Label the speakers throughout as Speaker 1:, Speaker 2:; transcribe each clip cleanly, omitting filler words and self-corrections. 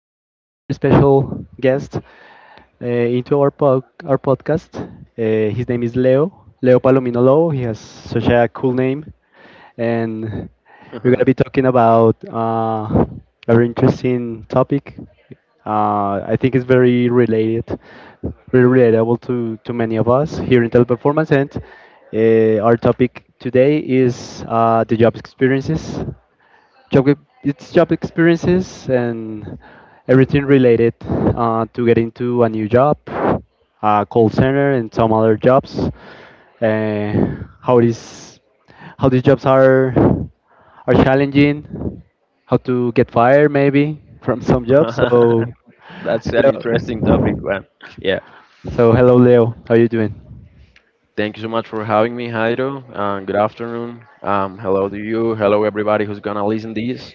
Speaker 1: a very, very special guest into our podcast. His name is Leo, Leo Palomino Lobo. He has such a cool name. And we're going to be talking about a very interesting topic. I think it's very related, very relatable to many of us here in Teleperformance. And our topic today is the job experiences job ex- it's job experiences and everything related to get into a new job, call center and some other jobs. How these how these jobs are challenging, how to get fired maybe from some jobs.
Speaker 2: That's an interesting topic,
Speaker 1: Hello,
Speaker 2: man. Yeah.
Speaker 1: so hello Leo, how you doing?
Speaker 2: Thank you so much for having me, Jairo. Good afternoon. Hello to you. Hello, everybody who's gonna listen this.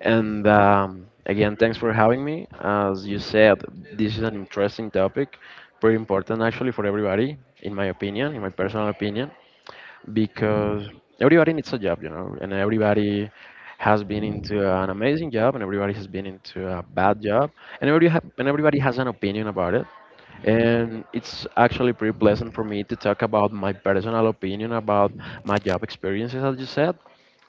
Speaker 2: And again, thanks for having me. As you said, this is an interesting topic, pretty important actually for everybody, in my opinion, in my personal opinion, because everybody needs a job, you know, and everybody has been into an amazing job, and everybody has been into a bad job, and everybody has an opinion about it. And it's actually pretty pleasant for me to talk about my personal opinion about my job experiences, as you said.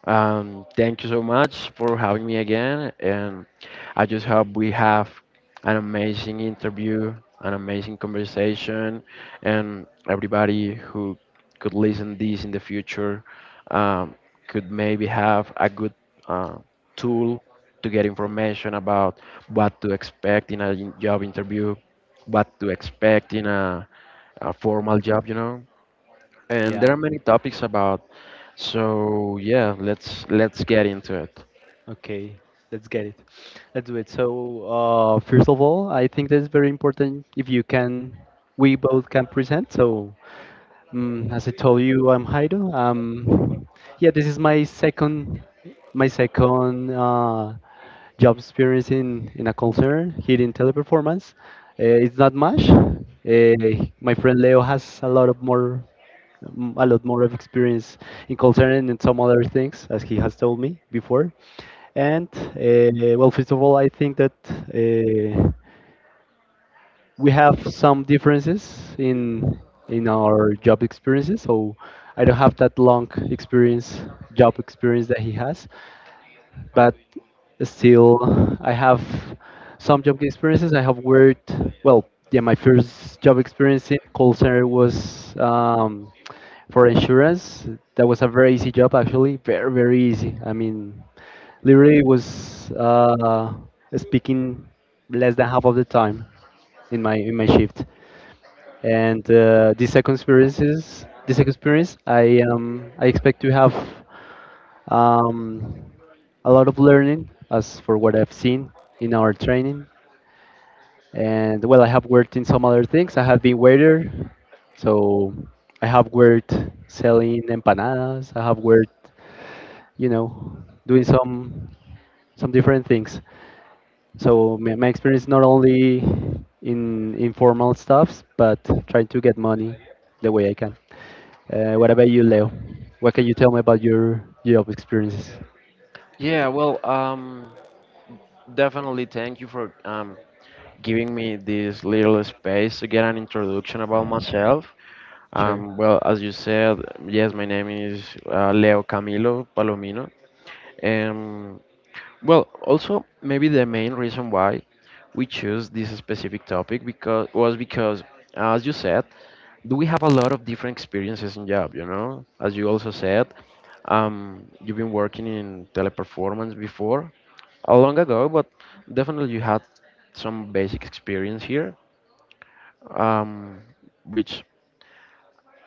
Speaker 2: Thank you so much for having me again, and I just hope we have an amazing interview, an amazing conversation, and everybody who could listen this in the future um, could maybe have a good uh, tool to get information about what to expect in a job interview, what to expect in a formal job, you know, and
Speaker 1: Yeah.
Speaker 2: there are many topics about. So yeah, let's get into it.
Speaker 1: Okay, let's get it. Let's do it. So, first of all, I think that it's very important if you can, we both can present. So, as I told you, I'm Jairo. Yeah, this is my second job experience in a call center here in Teleperformance. It's not much. My friend Leo has a lot of more a lot more of experience in call center and in some other things, as he has told me before. And well, first of all, I think that. Uh, we have some differences in our job experiences. So I don't have that long experience, job experience that he has, but still I have some job experiences. I have worked well. Yeah, my first job experience in call center was for insurance. That was a very easy job, actually, very very easy. I mean, literally was speaking less than half of the time in my shift. And the second experience is experience. I expect to have um a lot of learning as for what I've seen in our training. And well, I have worked in some other things. I have been waiter, so I have worked selling empanadas. I have worked you know, doing some different things. So my experience not only in informal stuffs, but trying to get money the way I can. What about you, Leo? What can you tell me about your job experiences?
Speaker 2: Yeah, well, definitely thank you for giving me this little space to get an introduction about myself.
Speaker 1: Sure.
Speaker 2: Well, as you said, yes, my name is Leo Camilo Palomino. Um, Well, also maybe the main reason why we choose this specific topic because was because, as you said, do we have a lot of different experiences in job, you know? As you also said, you've been working in Teleperformance before, a long ago, but definitely you had some basic experience here, um, which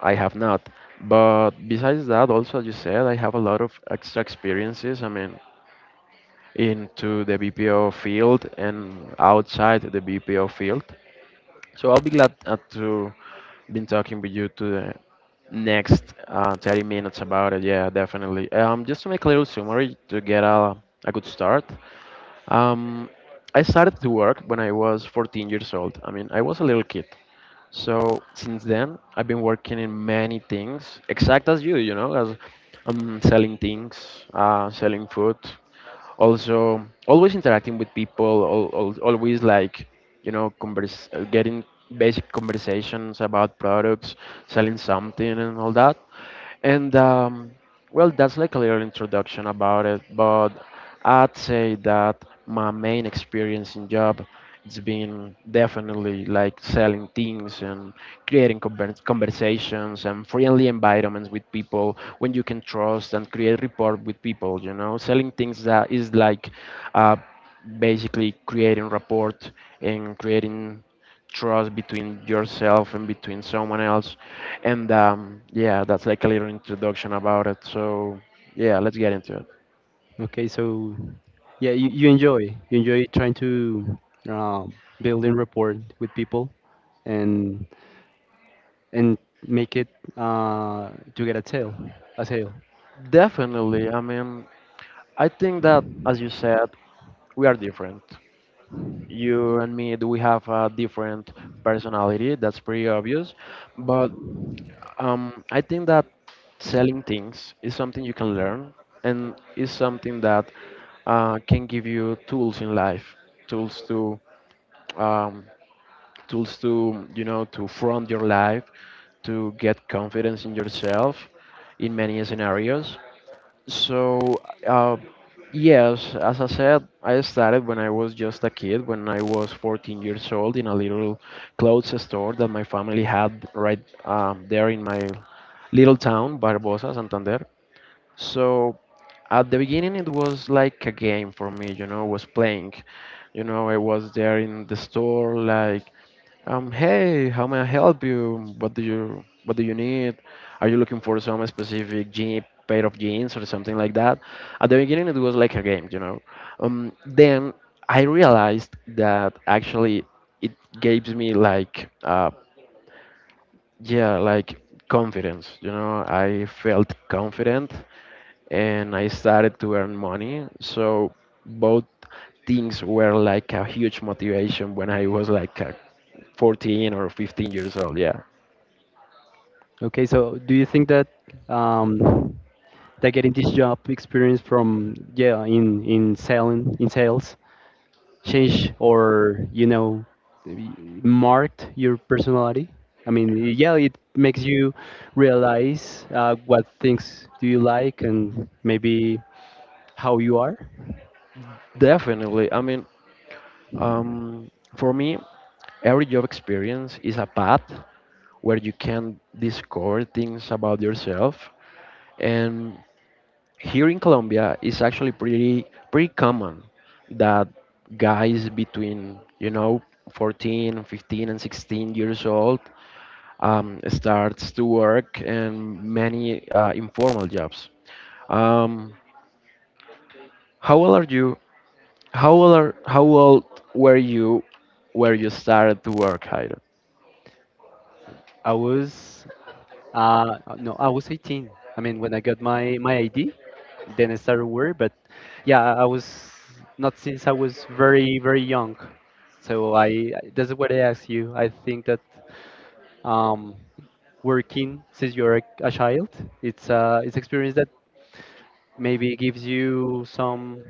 Speaker 2: I have not. But besides that, also as you said, I have a lot of extra experiences. I mean, into the BPO field and outside the BPO field. So I'll be glad to been talking with you to the next 30 minutes about it. Yeah, definitely. Just to make a little summary to get a good start. Um, I started to work when I was 14 years old. I mean, I was a little kid. So since then, I've been working in many things, exact as you, you know, as selling things, selling food, also always interacting with people always like, you know, getting basic conversations about products, selling something and all that. And well, that's like a little introduction about it, but I'd say that my main experience in job, it's been definitely like selling things and creating conversations and friendly environments with people when you can trust and create rapport with people. You know, selling things that is like uh, basically creating rapport and creating trust between yourself and between someone else. And yeah, that's like a little introduction about it. So yeah, let's get into it.
Speaker 1: Okay, so yeah, you enjoy you enjoy trying to uh, build in rapport with people and and make it uh, to get a sale, a sale.
Speaker 2: Definitely. I mean, I think that, as you said, we are different. You and me, do we have a different personality? That's pretty obvious. But I think that selling things is something you can learn and is something that can give you tools in life, tools to um, you know, to front your life, to get confidence in yourself in many scenarios. So, uh, yes, as I said, I started when I was just a kid, when I was 14 years old, in a little clothes store that my family had right there in my little town, Barbosa, Santander. So, at the beginning, it was like a game for me, you know, was playing. You know, I was there in the store, like, hey, how may I help you? What do you need? Are you looking for some specific jean, pair of jeans or something like that? At the beginning, it was like a game, you know. Then I realized that actually it gives me like yeah, like confidence, you know. I felt confident and I started to earn money. So both things were like a huge motivation when I was like a 14 or 15 years old. Yeah,
Speaker 1: Okay, so do you think that um, that getting this job experience from yeah in selling in sales changed or you know marked your personality? I mean, yeah, it makes you realize what things do you like and maybe how you are.
Speaker 2: definitely. I mean, um, for me, every job experience is a path where you can discover things about yourself. And here in Colombia, it's actually pretty pretty common that guys between you know 14, 15, and 16 years old starts to work in many informal jobs. Um, how old are you? How old were you where you started to work, Jairo?
Speaker 1: I was no, I was 18. I mean, when I got my my ID, then I started work. But yeah, I was not since I was very very young. So that's what I ask you. I think that um, working since you're a child, it's experience that maybe gives you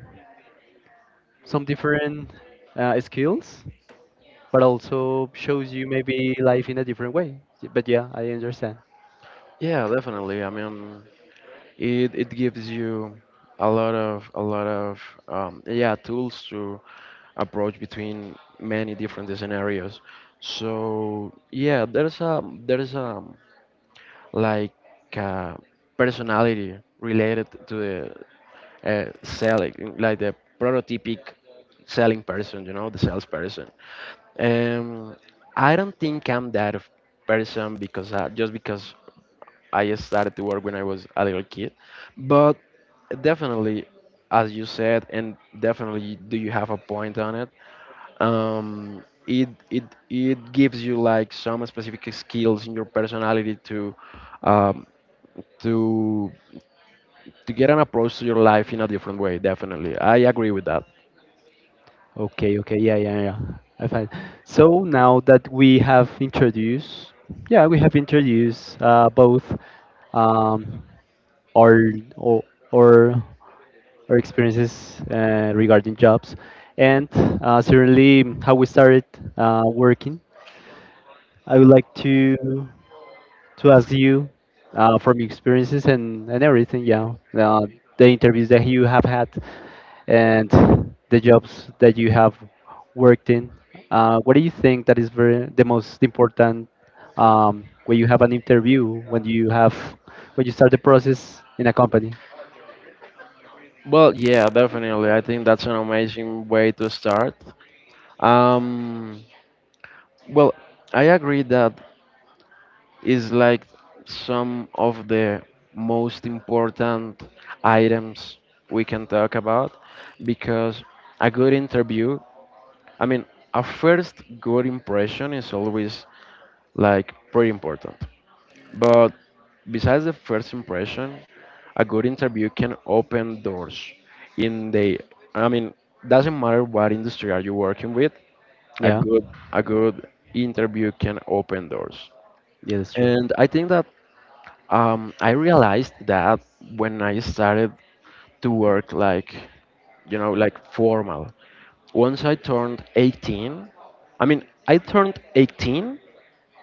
Speaker 1: some different skills, but also shows you maybe life in a different way. But yeah, I understand.
Speaker 2: Yeah, definitely. I mean, it gives you a lot of yeah, tools to approach between many different scenarios. So yeah, there's a like uh, personality related to the selling, like the prototypic selling person, you know, the salesperson. Um, I don't think I'm that of person because just because I started to work when I was a little kid, but definitely, as you said, and definitely, do you have a point on it? Um, it gives you like some specific skills in your personality to um, to to get an approach to your life in a different way. Definitely, I agree with that.
Speaker 1: Okay, okay, yeah, yeah, yeah. I find. So now that we have introduced, yeah, we have introduced both um, our or or our experiences regarding jobs, and certainly how we started working. I would like to ask you from your experiences and everything, yeah, uh, the interviews that you have had and the jobs that you have worked in. What do you think that is very, the most important when you have an interview, when you have when you start the process in a company?
Speaker 2: Well, yeah, definitely. I think that's an amazing way to start. Um, well, I agree that is like some of the most important items we can talk about because a good interview, I mean, a first good impression is always like pretty important. But besides the first impression, a good interview can open doors in the, I mean, doesn't matter what industry are you working with, a
Speaker 1: Yeah,
Speaker 2: good a good interview can open doors.
Speaker 1: yeah, that's true.
Speaker 2: And I think that I realized that when I started to work like, you know, like formal. Once I turned 18, I mean I turned 18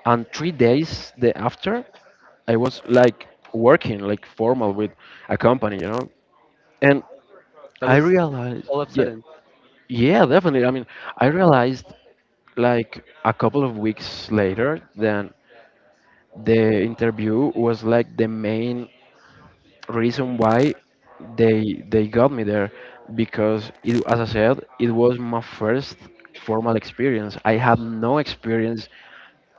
Speaker 2: and 3 days the after, I was like working like formal with a company, you know, and
Speaker 1: That
Speaker 2: I
Speaker 1: was
Speaker 2: realized,
Speaker 1: all of a
Speaker 2: yeah,
Speaker 1: sudden.
Speaker 2: yeah, definitely, I mean I realized like a couple of weeks later that the interview was like the main reason why they got me there, because it, as I said, it was my first formal experience, I had no experience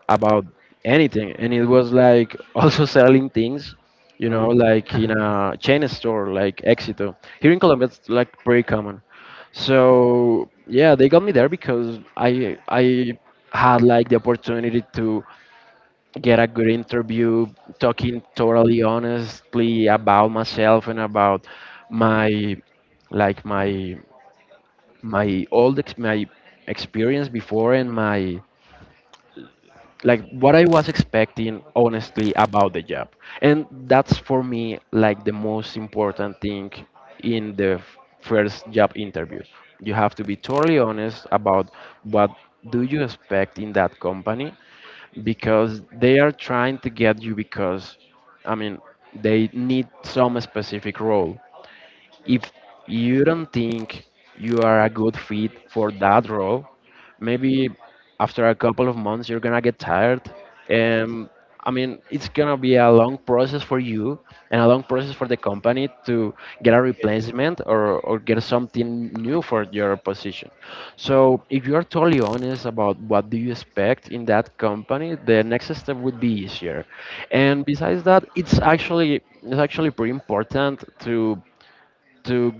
Speaker 2: about anything, and it was like also selling things, you know,
Speaker 1: Oh,
Speaker 2: like in a chain store like Éxito here in Colombia, it's like pretty common. So yeah, they got me there because I had like the opportunity to get a good interview, talking totally honestly about myself and about my, like my my experience before and my, like what I was expecting honestly about the job. And that's for me like the most important thing in the first job interview. You have to be totally honest about what do you expect in that company, because they are trying to get you because, I mean, they need some specific role. If you don't think you are a good fit for that role, maybe after a couple of months you're gonna get tired. And I mean, it's gonna be a long process for you and a long process for the company to get a replacement or get something new for your position. So if you are totally honest about what do you expect in that company, the next step would be easier. And besides that, it's actually pretty important to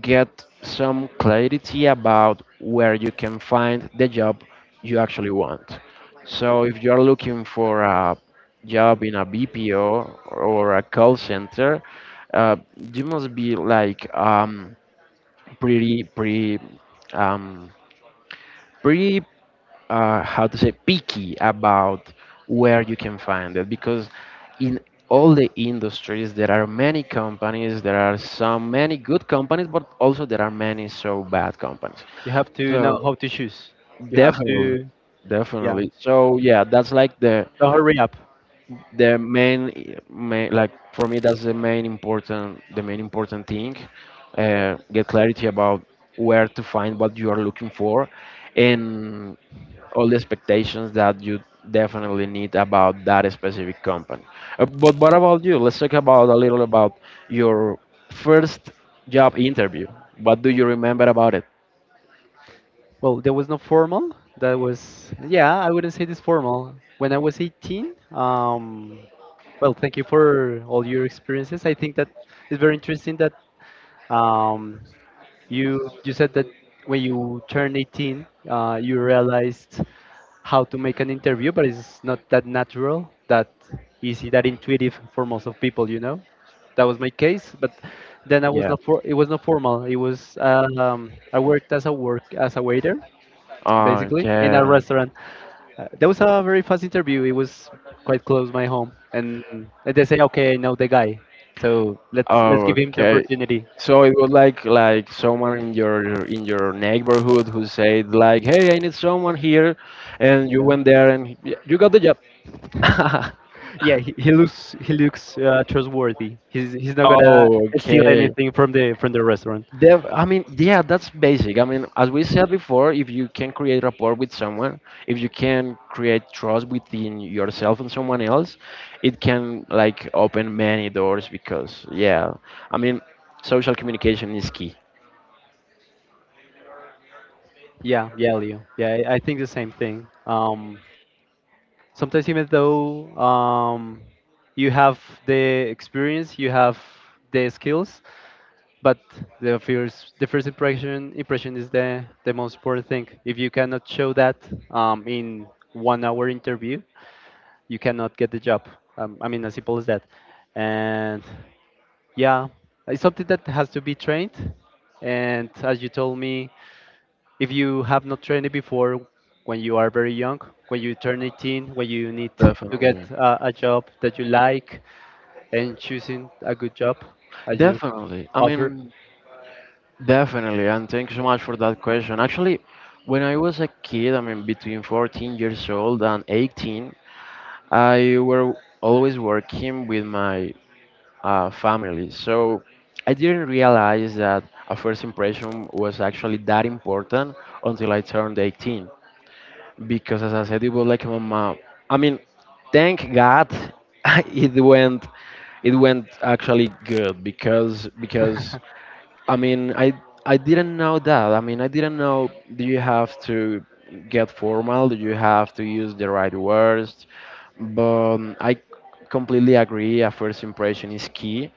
Speaker 2: get some clarity about where you can find the job you actually want. So if you're looking for a job in a BPO or a call center, uh, you must be like pretty pretty um, pretty how to say, picky about where you can find it, because in all the industries there are many companies, there are some many good companies, but also there are many so bad companies.
Speaker 1: you have to know
Speaker 2: So
Speaker 1: how to choose. You have
Speaker 2: definitely,
Speaker 1: to, yeah.
Speaker 2: definitely. So yeah, that's like
Speaker 1: Don't hurry up.
Speaker 2: the main, main like for me that's the main important thing. Get clarity about where to find what you are looking for and all the expectations that you definitely need about that specific company. But what about you? Let's talk about a little about your first job interview. What do you remember about it?
Speaker 1: Well, there was no formal. That was, yeah, I wouldn't say this formal. When I was 18, well, thank you for all your experiences. I think that it's very interesting that um, you you said that when you turned 18, you realized how to make an interview, but it's not that natural, that easy, that intuitive for most of people, you know. That was my case, but then I was
Speaker 2: Yeah.
Speaker 1: not for, it was not formal. It was I worked as a work as a waiter basically in a
Speaker 2: Okay.
Speaker 1: restaurant. That was a very fast interview. It was quite close my home, and they say, okay, I know the guy, so let's give him the
Speaker 2: Okay.
Speaker 1: opportunity.
Speaker 2: So it was like someone in your neighborhood who said like, "Hey, I need someone here," and you
Speaker 1: Yeah,
Speaker 2: went there and you got the job.
Speaker 1: yeah. He looks he looks trustworthy. He's not gonna steal
Speaker 2: Okay.
Speaker 1: anything from the restaurant.
Speaker 2: I mean, yeah, that's basic. I mean, as we said before, if you can create rapport with someone, if you can create trust within yourself and someone else, it can like open many doors because, yeah, I mean, social communication is key.
Speaker 1: Yeah, yeah, Leo. Yeah, I think the same thing. Sometimes even though you have the experience, you have the skills, but the first impression is the most important thing. If you cannot show that in 1 hour interview you cannot get the job, I mean as simple as that. And yeah, it's something that has to be trained, and as you told me, if you have not trained it before when you are very young, when you turn 18, when you need to get
Speaker 2: Definitely.
Speaker 1: a job that you like and choosing a good job as you
Speaker 2: Definitely. I
Speaker 1: offer.
Speaker 2: mean, definitely. And thank you so much for that question. Actually, when I was a kid, I mean, between 14 years old and 18, I were always working with my family. So I didn't realize that a first impression was actually that important until I turned 18. Because as I said, it was like my mom. I mean, Thank God it went it went actually good because I mean I I didn't know that. I mean I didn't know, do you have to get formal, do you have to use the right words, but I completely agree, a first impression is key.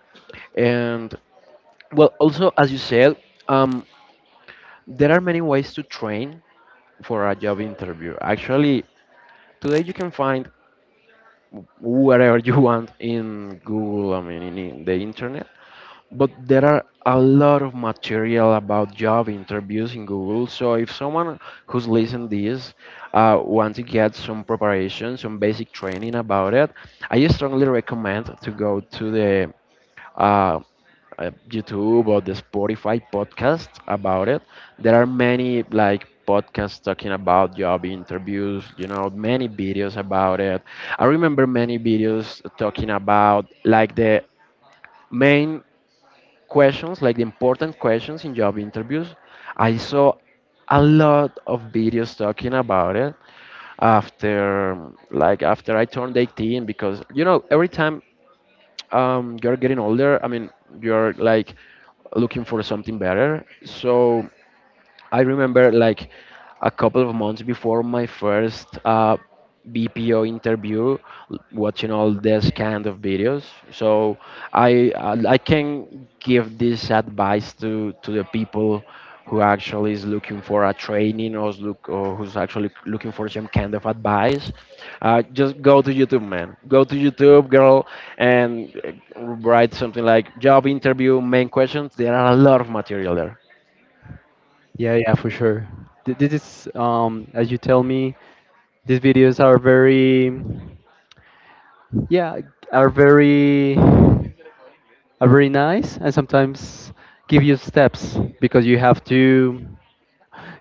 Speaker 2: And well, also as you said, um, there are many ways to train for a job interview. Actually, today you can find wherever you want in Google, I mean, in the internet. But there are a lot of material about job interviews in Google. So if someone who's listening this wants to get some preparation, some basic training about it, I strongly recommend to go to the uh, YouTube or the Spotify podcast about it. There are many like podcasts talking about job interviews, you know, many videos about it. I remember many videos talking about like the main questions, like the important questions in job interviews. I saw a lot of videos talking about it after, like after I turned 18, because you know every time you're getting older. I mean, you're like looking for something better. So I remember like a couple of months before my first BPO interview, watching all this kind of videos. So I can give this advice to the people who actually is looking for a training, or is look, or who's actually looking for some kind of advice. Just go to YouTube, man. Go to YouTube, girl, and write something like job interview main questions. There are a lot of material there.
Speaker 1: Yeah, yeah, for sure. This is, as you tell me, these videos are very, yeah, are very are very nice and sometimes give you steps because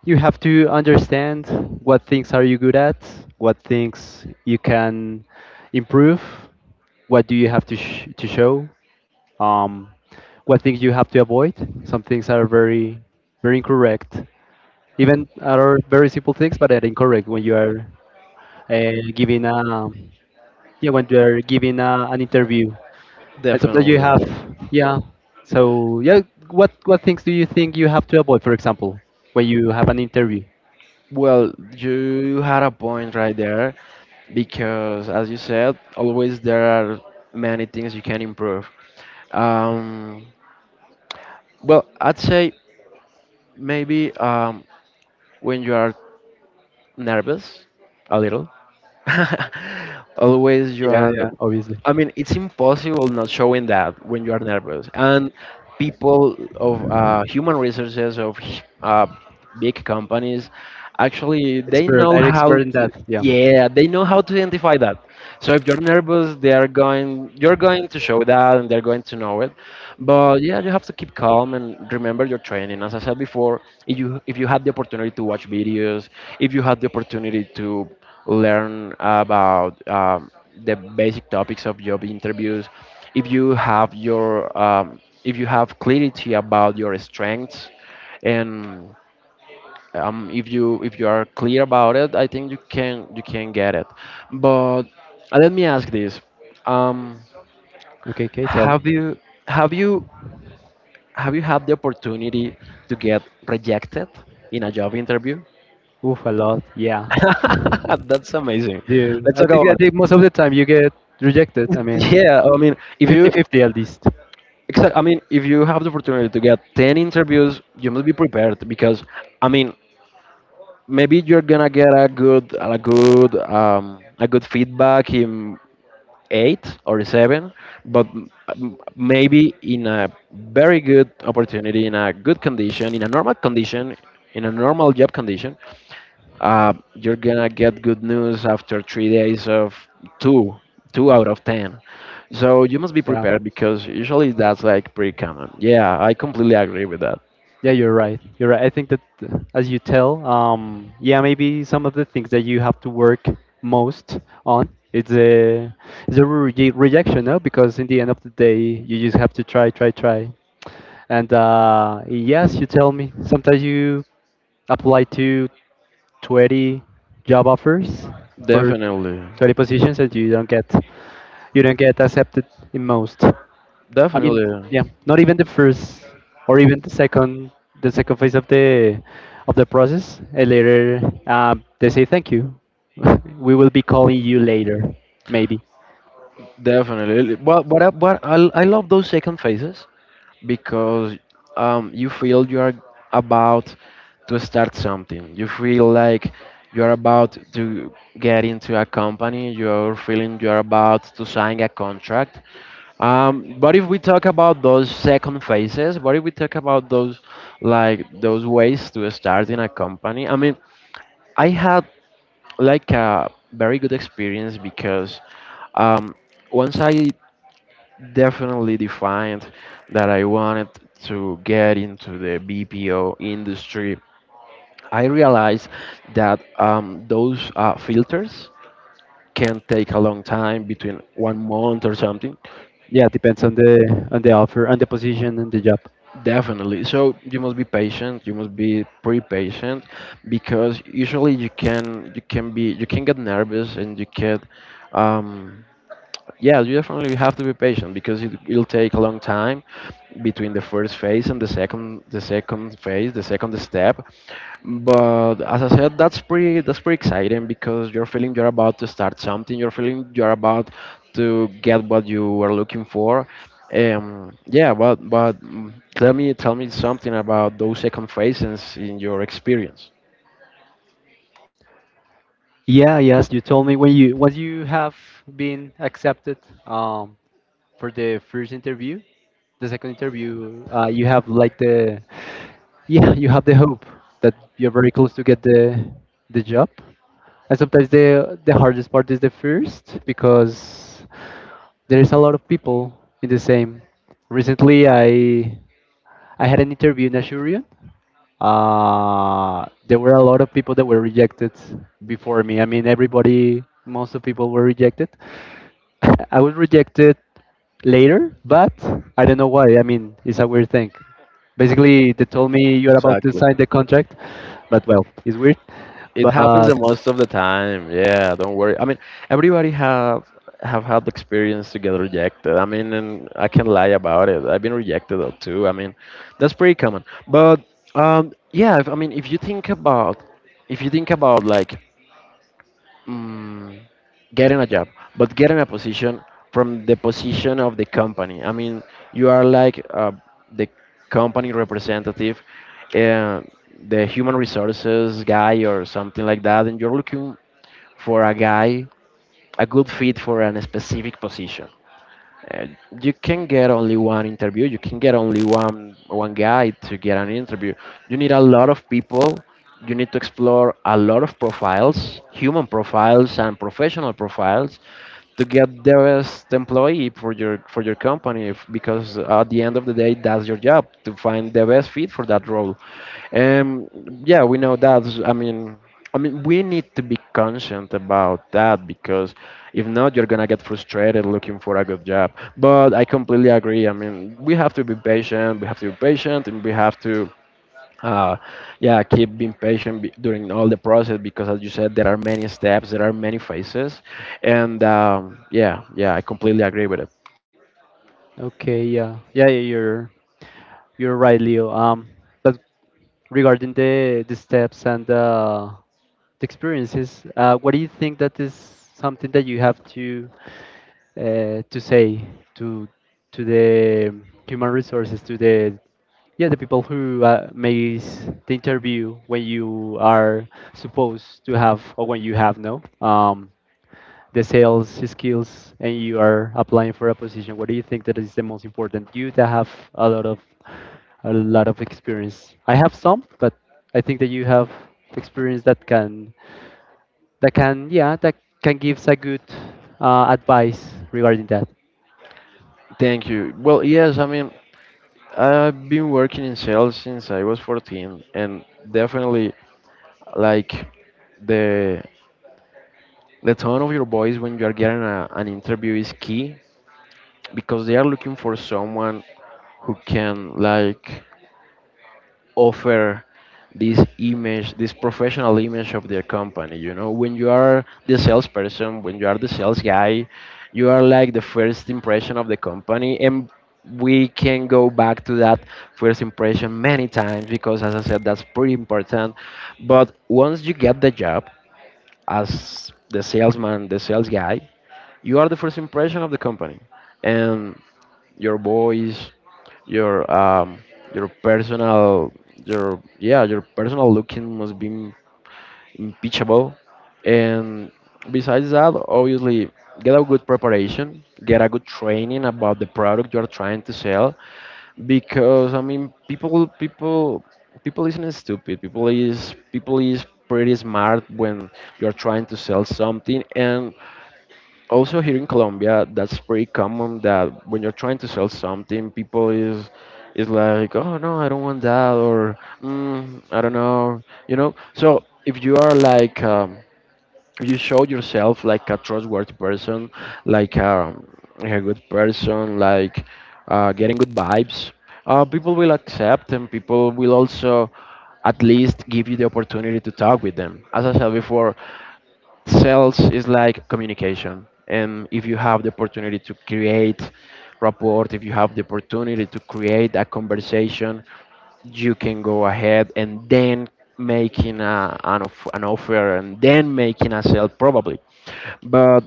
Speaker 1: you have to understand what things are you good at, what things you can improve, what do you have to, to show, um, what things you have to avoid. Some things are very very incorrect, even are very simple things but are incorrect when you are giving a yeah, when you are giving an interview except that you have
Speaker 2: Definitely.
Speaker 1: yeah. So yeah, what things do you think you have to avoid, for example, when you have an interview?
Speaker 2: Well, you had a point right there because, as you said, always there are many things you can improve. Um, well, I'd say maybe when you are nervous, a little, always you
Speaker 1: Yeah,
Speaker 2: are.
Speaker 1: yeah, obviously.
Speaker 2: I mean, it's impossible not showing that when you are nervous. And people of human resources, of big companies actually they
Speaker 1: Expert,
Speaker 2: know
Speaker 1: are you
Speaker 2: how
Speaker 1: expert in
Speaker 2: to,
Speaker 1: that? Yeah.
Speaker 2: yeah, they know how to identify that. So if you're nervous, they are going you're going to show that, and they're going to know it. But yeah, you have to keep calm and remember your training. As I said before, if you had the opportunity to watch videos, if you had the opportunity to learn about the basic topics of job interviews, if you have your um, if you have clarity about your strengths, and if you are clear about it, I think you can get it. But let me ask this: um,
Speaker 1: Okay, okay, tell me.
Speaker 2: Have you have you have you had the opportunity to get rejected in a job interview?
Speaker 1: Oof, a lot, yeah.
Speaker 2: That's amazing.
Speaker 1: Dude,
Speaker 2: Let's
Speaker 1: i
Speaker 2: talk
Speaker 1: think i
Speaker 2: about it.
Speaker 1: think most of the time you get rejected. I mean,
Speaker 2: Yeah, I mean, if you
Speaker 1: 50-50 at least.
Speaker 2: exact, I mean, if you have the opportunity to get 10 interviews, you must be prepared. Because, I mean, maybe you're gonna get a good a good feedback in 8 or 7, but maybe in a very good opportunity, in a good condition, in a normal condition, in a normal job condition, you're gonna get good news after three days of two, 2 out of 10. So you must be
Speaker 1: Yeah.
Speaker 2: prepared because usually that's like pretty common. Yeah, I completely agree with that.
Speaker 1: Yeah, you're right. You're right. I think that, as you tell, yeah, maybe some of the things that you have to work most on, it's a rejection, no? Because in the end of the day, you just have to try, try, try. And yes, you tell me sometimes you apply to 20 job offers for
Speaker 2: Definitely,
Speaker 1: 20 positions and you don't get accepted in most. I mean,
Speaker 2: definitely.
Speaker 1: yeah, not even the first or even the second phase of the process. And later, they say thank you. We will be calling you later, maybe.
Speaker 2: Definitely. But I love those second phases because you feel you are about to start something. You feel like you are about to get into a company. You're feeling you are about to sign a contract. But if we talk about those second phases, what if we talk about those like those ways to start in a company? I mean, I had like a very good experience because um, once I definitely defined that I wanted to get into the BPO industry, I realized that those filters can take a long time, between one month or something.
Speaker 1: Yeah, depends on the offer, on the position, and the job.
Speaker 2: Definitely. So you must be patient. You must be pre-patient because usually you can be, you can get nervous, and you can um, yeah, you definitely have to be patient because it'll take a long time between the first phase and the second phase, the second step. But as I said, that's that's pretty exciting because you're feeling you're about to start something. You're feeling you're about to get what you were looking for. Yeah, but tell me something about those second phases in your experience.
Speaker 1: Yeah, yes, you told me when you once you have been accepted. Um, for the first interview. The second interview, you have like the yeah, you have the hope that you're very close to get the job. And sometimes the hardest part is the first because there is a lot of people in the same. Recently, I had an interview in Ashurian. There were a lot of people that were rejected before me. I mean, everybody, most of people were rejected, I was rejected later, but I don't know why. I mean, it's a weird thing. Basically, they told me you're about to
Speaker 2: Exactly.
Speaker 1: sign the contract, but well, it's weird.
Speaker 2: It happens
Speaker 1: But
Speaker 2: the most of the time. Yeah, don't worry. I mean, everybody have had the experience to get rejected. I mean, and I can lie about it. I've been rejected too. I mean, that's pretty common. But yeah, if, I mean, if you think about like mm, getting a job, but getting a position from the position of the company. I mean, you are like the company representative, uh, the human resources guy or something like that, and you're looking for a guy, a good fit for a specific position. uh, you can get only one interview. You can get only one guy to get an interview. You need a lot of people. You need to explore a lot of profiles, human profiles and professional profiles, to get the best employee for your company. If, because at the end of the day that's your job, to find the best fit for that role. um yeah, we know that. I mean, I mean we need to be conscient about that, because if not you're gonna get frustrated looking for a good job. But I completely agree, I mean we have to be patient, and we have to uh, yeah, keep being patient during all the process, because, as you said, there are many steps, there are many phases, and yeah, I completely agree with it.
Speaker 1: okay, yeah, yeah, yeah, you're right, Leo. But regarding the steps and the experiences, what do you think that is something that you have to say to to the human resources, to the. Yeah, the people who makes the interview, when you are supposed to have or when you have no the sales skills and you are applying for a position. What do you think that is the most important? You that have a lot of a lot of experience. I have some, but I think that you have experience that can yeah that can give a good advice regarding that.
Speaker 2: Thank you. Well, yes, I mean, I've been working in sales since I was 14, and definitely, like, the the tone of your voice when you are getting a, an interview is key, because they are looking for someone who can like offer this image, this professional image of their company. You know, when you are the salesperson, when you are the sales guy, you are like the first impression of the company. And we can go back to that first impression many times because, as I said, that's pretty important. But once you get the job as the salesman, the sales guy, you are the first impression of the company. And your voice, your um your personal, your yeah, your personal looking must be impeachable. And besides that, obviously, get a good preparation, get a good training about the product you are trying to sell. Because, I mean, people isn't stupid, people is pretty smart when you are trying to sell something. And also here in Colombia, that's pretty common, that when you're trying to sell something, people is like, oh no, I don't want that, or mm, I don't know, you know. So if you are like, if you show yourself like a trustworthy person, like a good person, like getting good vibes, people will accept, and people will also at least give you the opportunity to talk with them. As I said before, sales is like communication, and if you have the opportunity to create rapport, if you have the opportunity to create a conversation, you can go ahead and then making an offer, and then making a sale, probably. But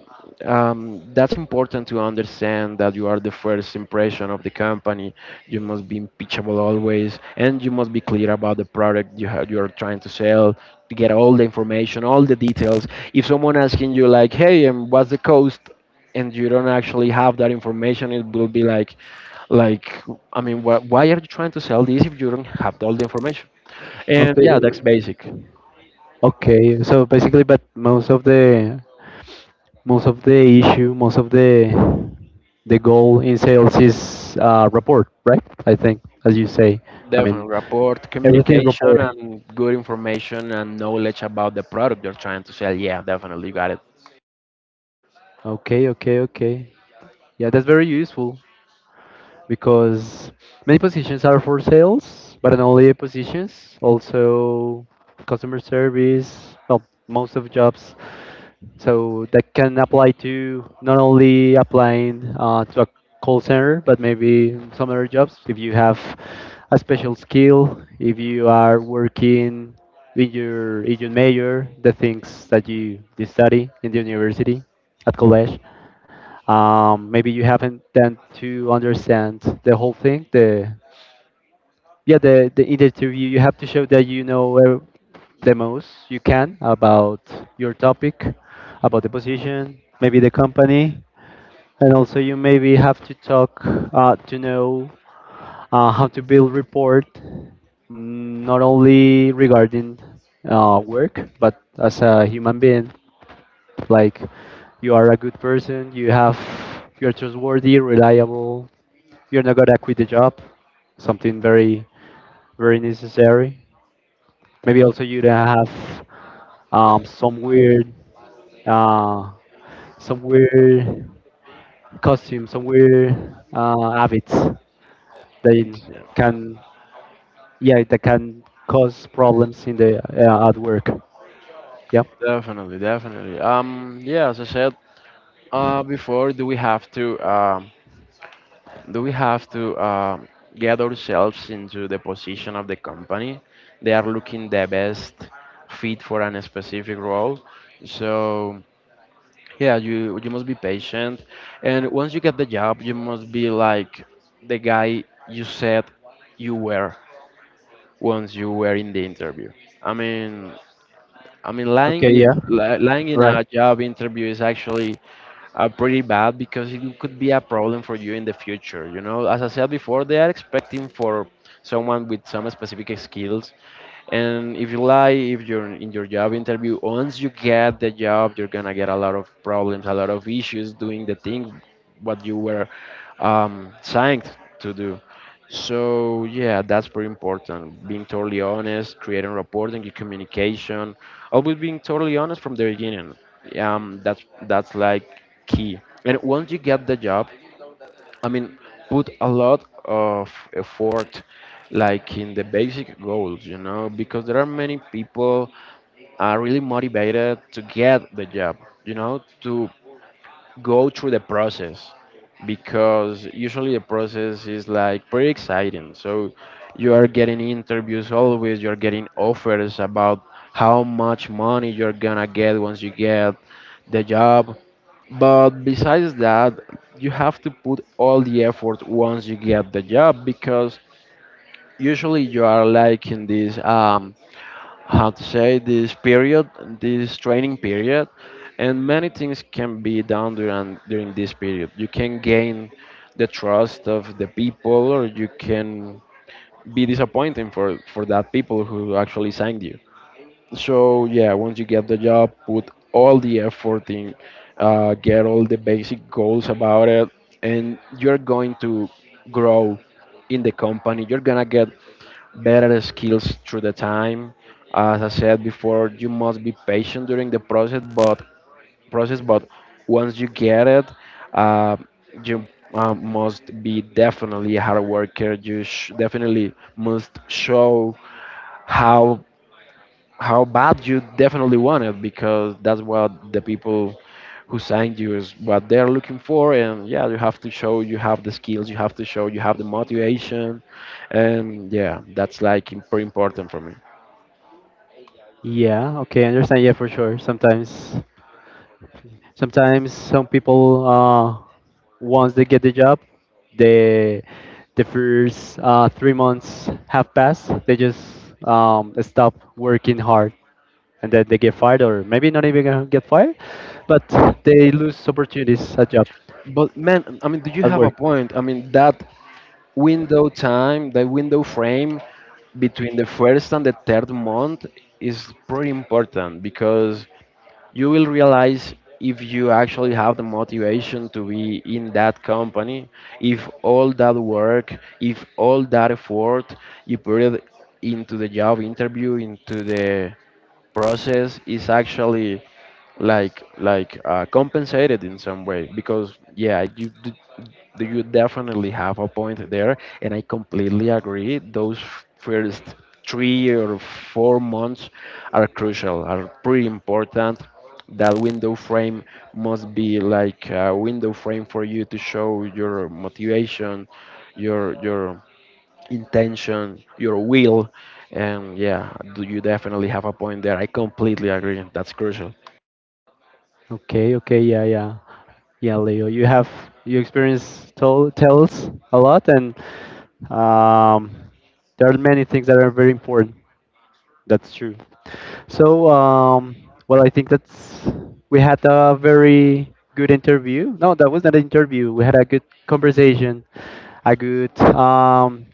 Speaker 2: that's important to understand that you are the first impression of the company. You must be impeachable always, and you must be clear about the product you have, you are trying to sell. To get all the information, all the details. If someone asking you like, "Hey, what's the cost?" and you don't actually have that information, it will be like, I mean, why are you trying to sell this if you don't have all the information? And yeah,
Speaker 1: Okay,
Speaker 2: that's basic.
Speaker 1: okay. So basically, but most of the issue, most of the goal in sales is report, right? I think, as you say. I mean,
Speaker 2: Definitely, rapport,
Speaker 1: everything is
Speaker 2: communication,
Speaker 1: report.
Speaker 2: and good information and knowledge about the product you're trying to sell. Yeah, definitely, you got it.
Speaker 1: Okay, okay, okay. Yeah, that's very useful. Because many positions are for sales, but not only positions, also customer service, well, most of jobs. So that can apply to not only applying to a call center, but maybe some other jobs. If you have a special skill, if you are working in your major, the things that you study in the university, at college, maybe you haven't done to understand the whole thing the yeah the in the interview you have to show that you know the most you can about your topic, about the position, maybe the company. And also you maybe have to talk to know how to build report, not only regarding work but as a human being, like you are a good person, you have you're trustworthy, reliable. You're not gonna quit the job. Something very, very necessary. Maybe also you don't have um, some weird, uh, some weird costume, some weird habits that
Speaker 2: Yeah,
Speaker 1: can, yeah, that can cause problems in the at work. Yeah.
Speaker 2: definitely, definitely. Yeah, as I said before, do we have to do we have to um, get ourselves into the position of the company? They are looking the best fit for a specific role, so. Yeah, you must be patient, and once you get the job you must be like the guy you said you were once you were in the interview. I mean, lying
Speaker 1: Okay.
Speaker 2: in
Speaker 1: Yeah.
Speaker 2: lying in
Speaker 1: Right.
Speaker 2: a job interview is actually are pretty bad, because it could be a problem for you in the future. You know, as I said before, they are expecting for someone with some specific skills. And if you lie, if you're in your job interview, once you get the job, you're gonna get a lot of problems, a lot of issues doing the thing what you were signed to do. So yeah, that's very important. Being totally honest, creating reporting, your communication, always being totally honest from the beginning. That's like key. And once you get the job, I mean, put a lot of effort like in the basic goals, you know, because there are many people are really motivated to get the job, you know, to go through the process because usually the process is like pretty exciting. So you are getting interviews always, you're getting offers about how much money you're gonna get once you get the job. But besides that, you have to put all the effort once you get the job because usually you are like in this how to say this period, this training period, and many things can be done during this period. You can gain the trust of the people or you can be disappointing for that people who actually signed you. So yeah, once you get the job, put all the effort in, get all the basic goals about it, and you're going to grow in the company. You're gonna get better skills through the time. As I said before, you must be patient during the process, but once you get it, uh, you must be definitely a hard worker. Definitely must show how how bad you definitely want it, because that's what the people who signed you is what they're looking for. And yeah, you have to show you have the skills, you have to show you have the motivation, and yeah, that's pretty important for me.
Speaker 1: Yeah. Okay. I understand. Yeah, for sure. Sometimes sometimes some people, once they get the job, the the first 3 months have passed. They just stop working hard, and then they get fired, or maybe not even gonna get fired, but they lose opportunities at job
Speaker 2: But man, I mean, do you
Speaker 1: at
Speaker 2: have a
Speaker 1: work.
Speaker 2: point. I mean, that window time, that window frame between the first and the third month is pretty important because you will realize if you actually have the motivation to be in that company, if all that work, if all that effort you put it into the job interview, into the process is actually like compensated in some way. Because yeah, you definitely have a point there, and I completely agree. Those first 3 or 4 months are crucial, are pretty important. That window frame must be like a window frame for you to show your motivation, your intention, your will, and yeah, do you definitely have a point there? I completely agree. That's crucial.
Speaker 1: Okay, okay, yeah, yeah, yeah, Leo. You have you experience tell tells a lot, and um, there are many things that are very important. That's true. So, well, I think that's we had a very good interview. No, that was not an interview. We had a good conversation, a good um,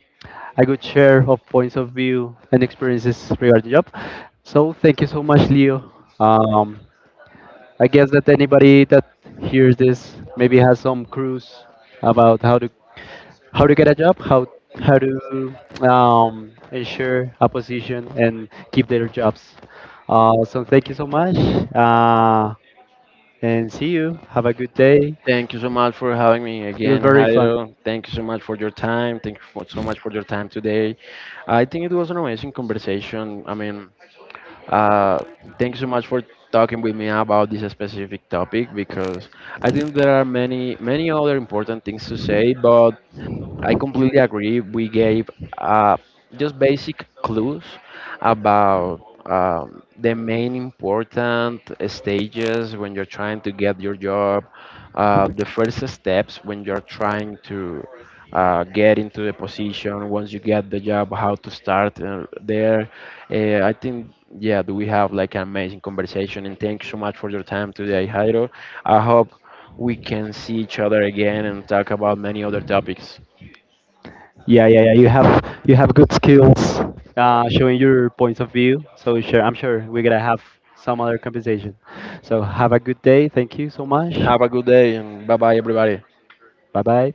Speaker 1: a good share of points of view and experiences regarding job. So, thank you so much, Leo. Um, I guess that anybody that hears this maybe has some clues about how to get a job, how to ensure a position and keep their jobs. So thank you so much, uh, and see you. Have a good day.
Speaker 2: Thank you so much for having me
Speaker 1: It was
Speaker 2: again,
Speaker 1: very fun.
Speaker 2: Jairo. Thank you so much for your time. Thank you for, so much for your time today. I think it was an amazing conversation. I mean, uh, thank you so much for talking with me about this specific topic, because I think there are many, many other important things to say, but I completely agree. We gave uh, just basic clues about the main important stages when you're trying to get your job, the first steps when you're trying to get into the position, once you get the job, how to start there. I think, yeah, we have like an amazing conversation, and thank you so much for your time today, Jairo. I hope we can see each other again and talk about many other topics.
Speaker 1: Yeah, yeah, yeah. You have good skills, showing your points of view. So sure, I'm sure we're gonna have some other compensation. So have a good day. Thank you so much.
Speaker 2: Have a good day, and bye bye, everybody.
Speaker 1: Bye bye.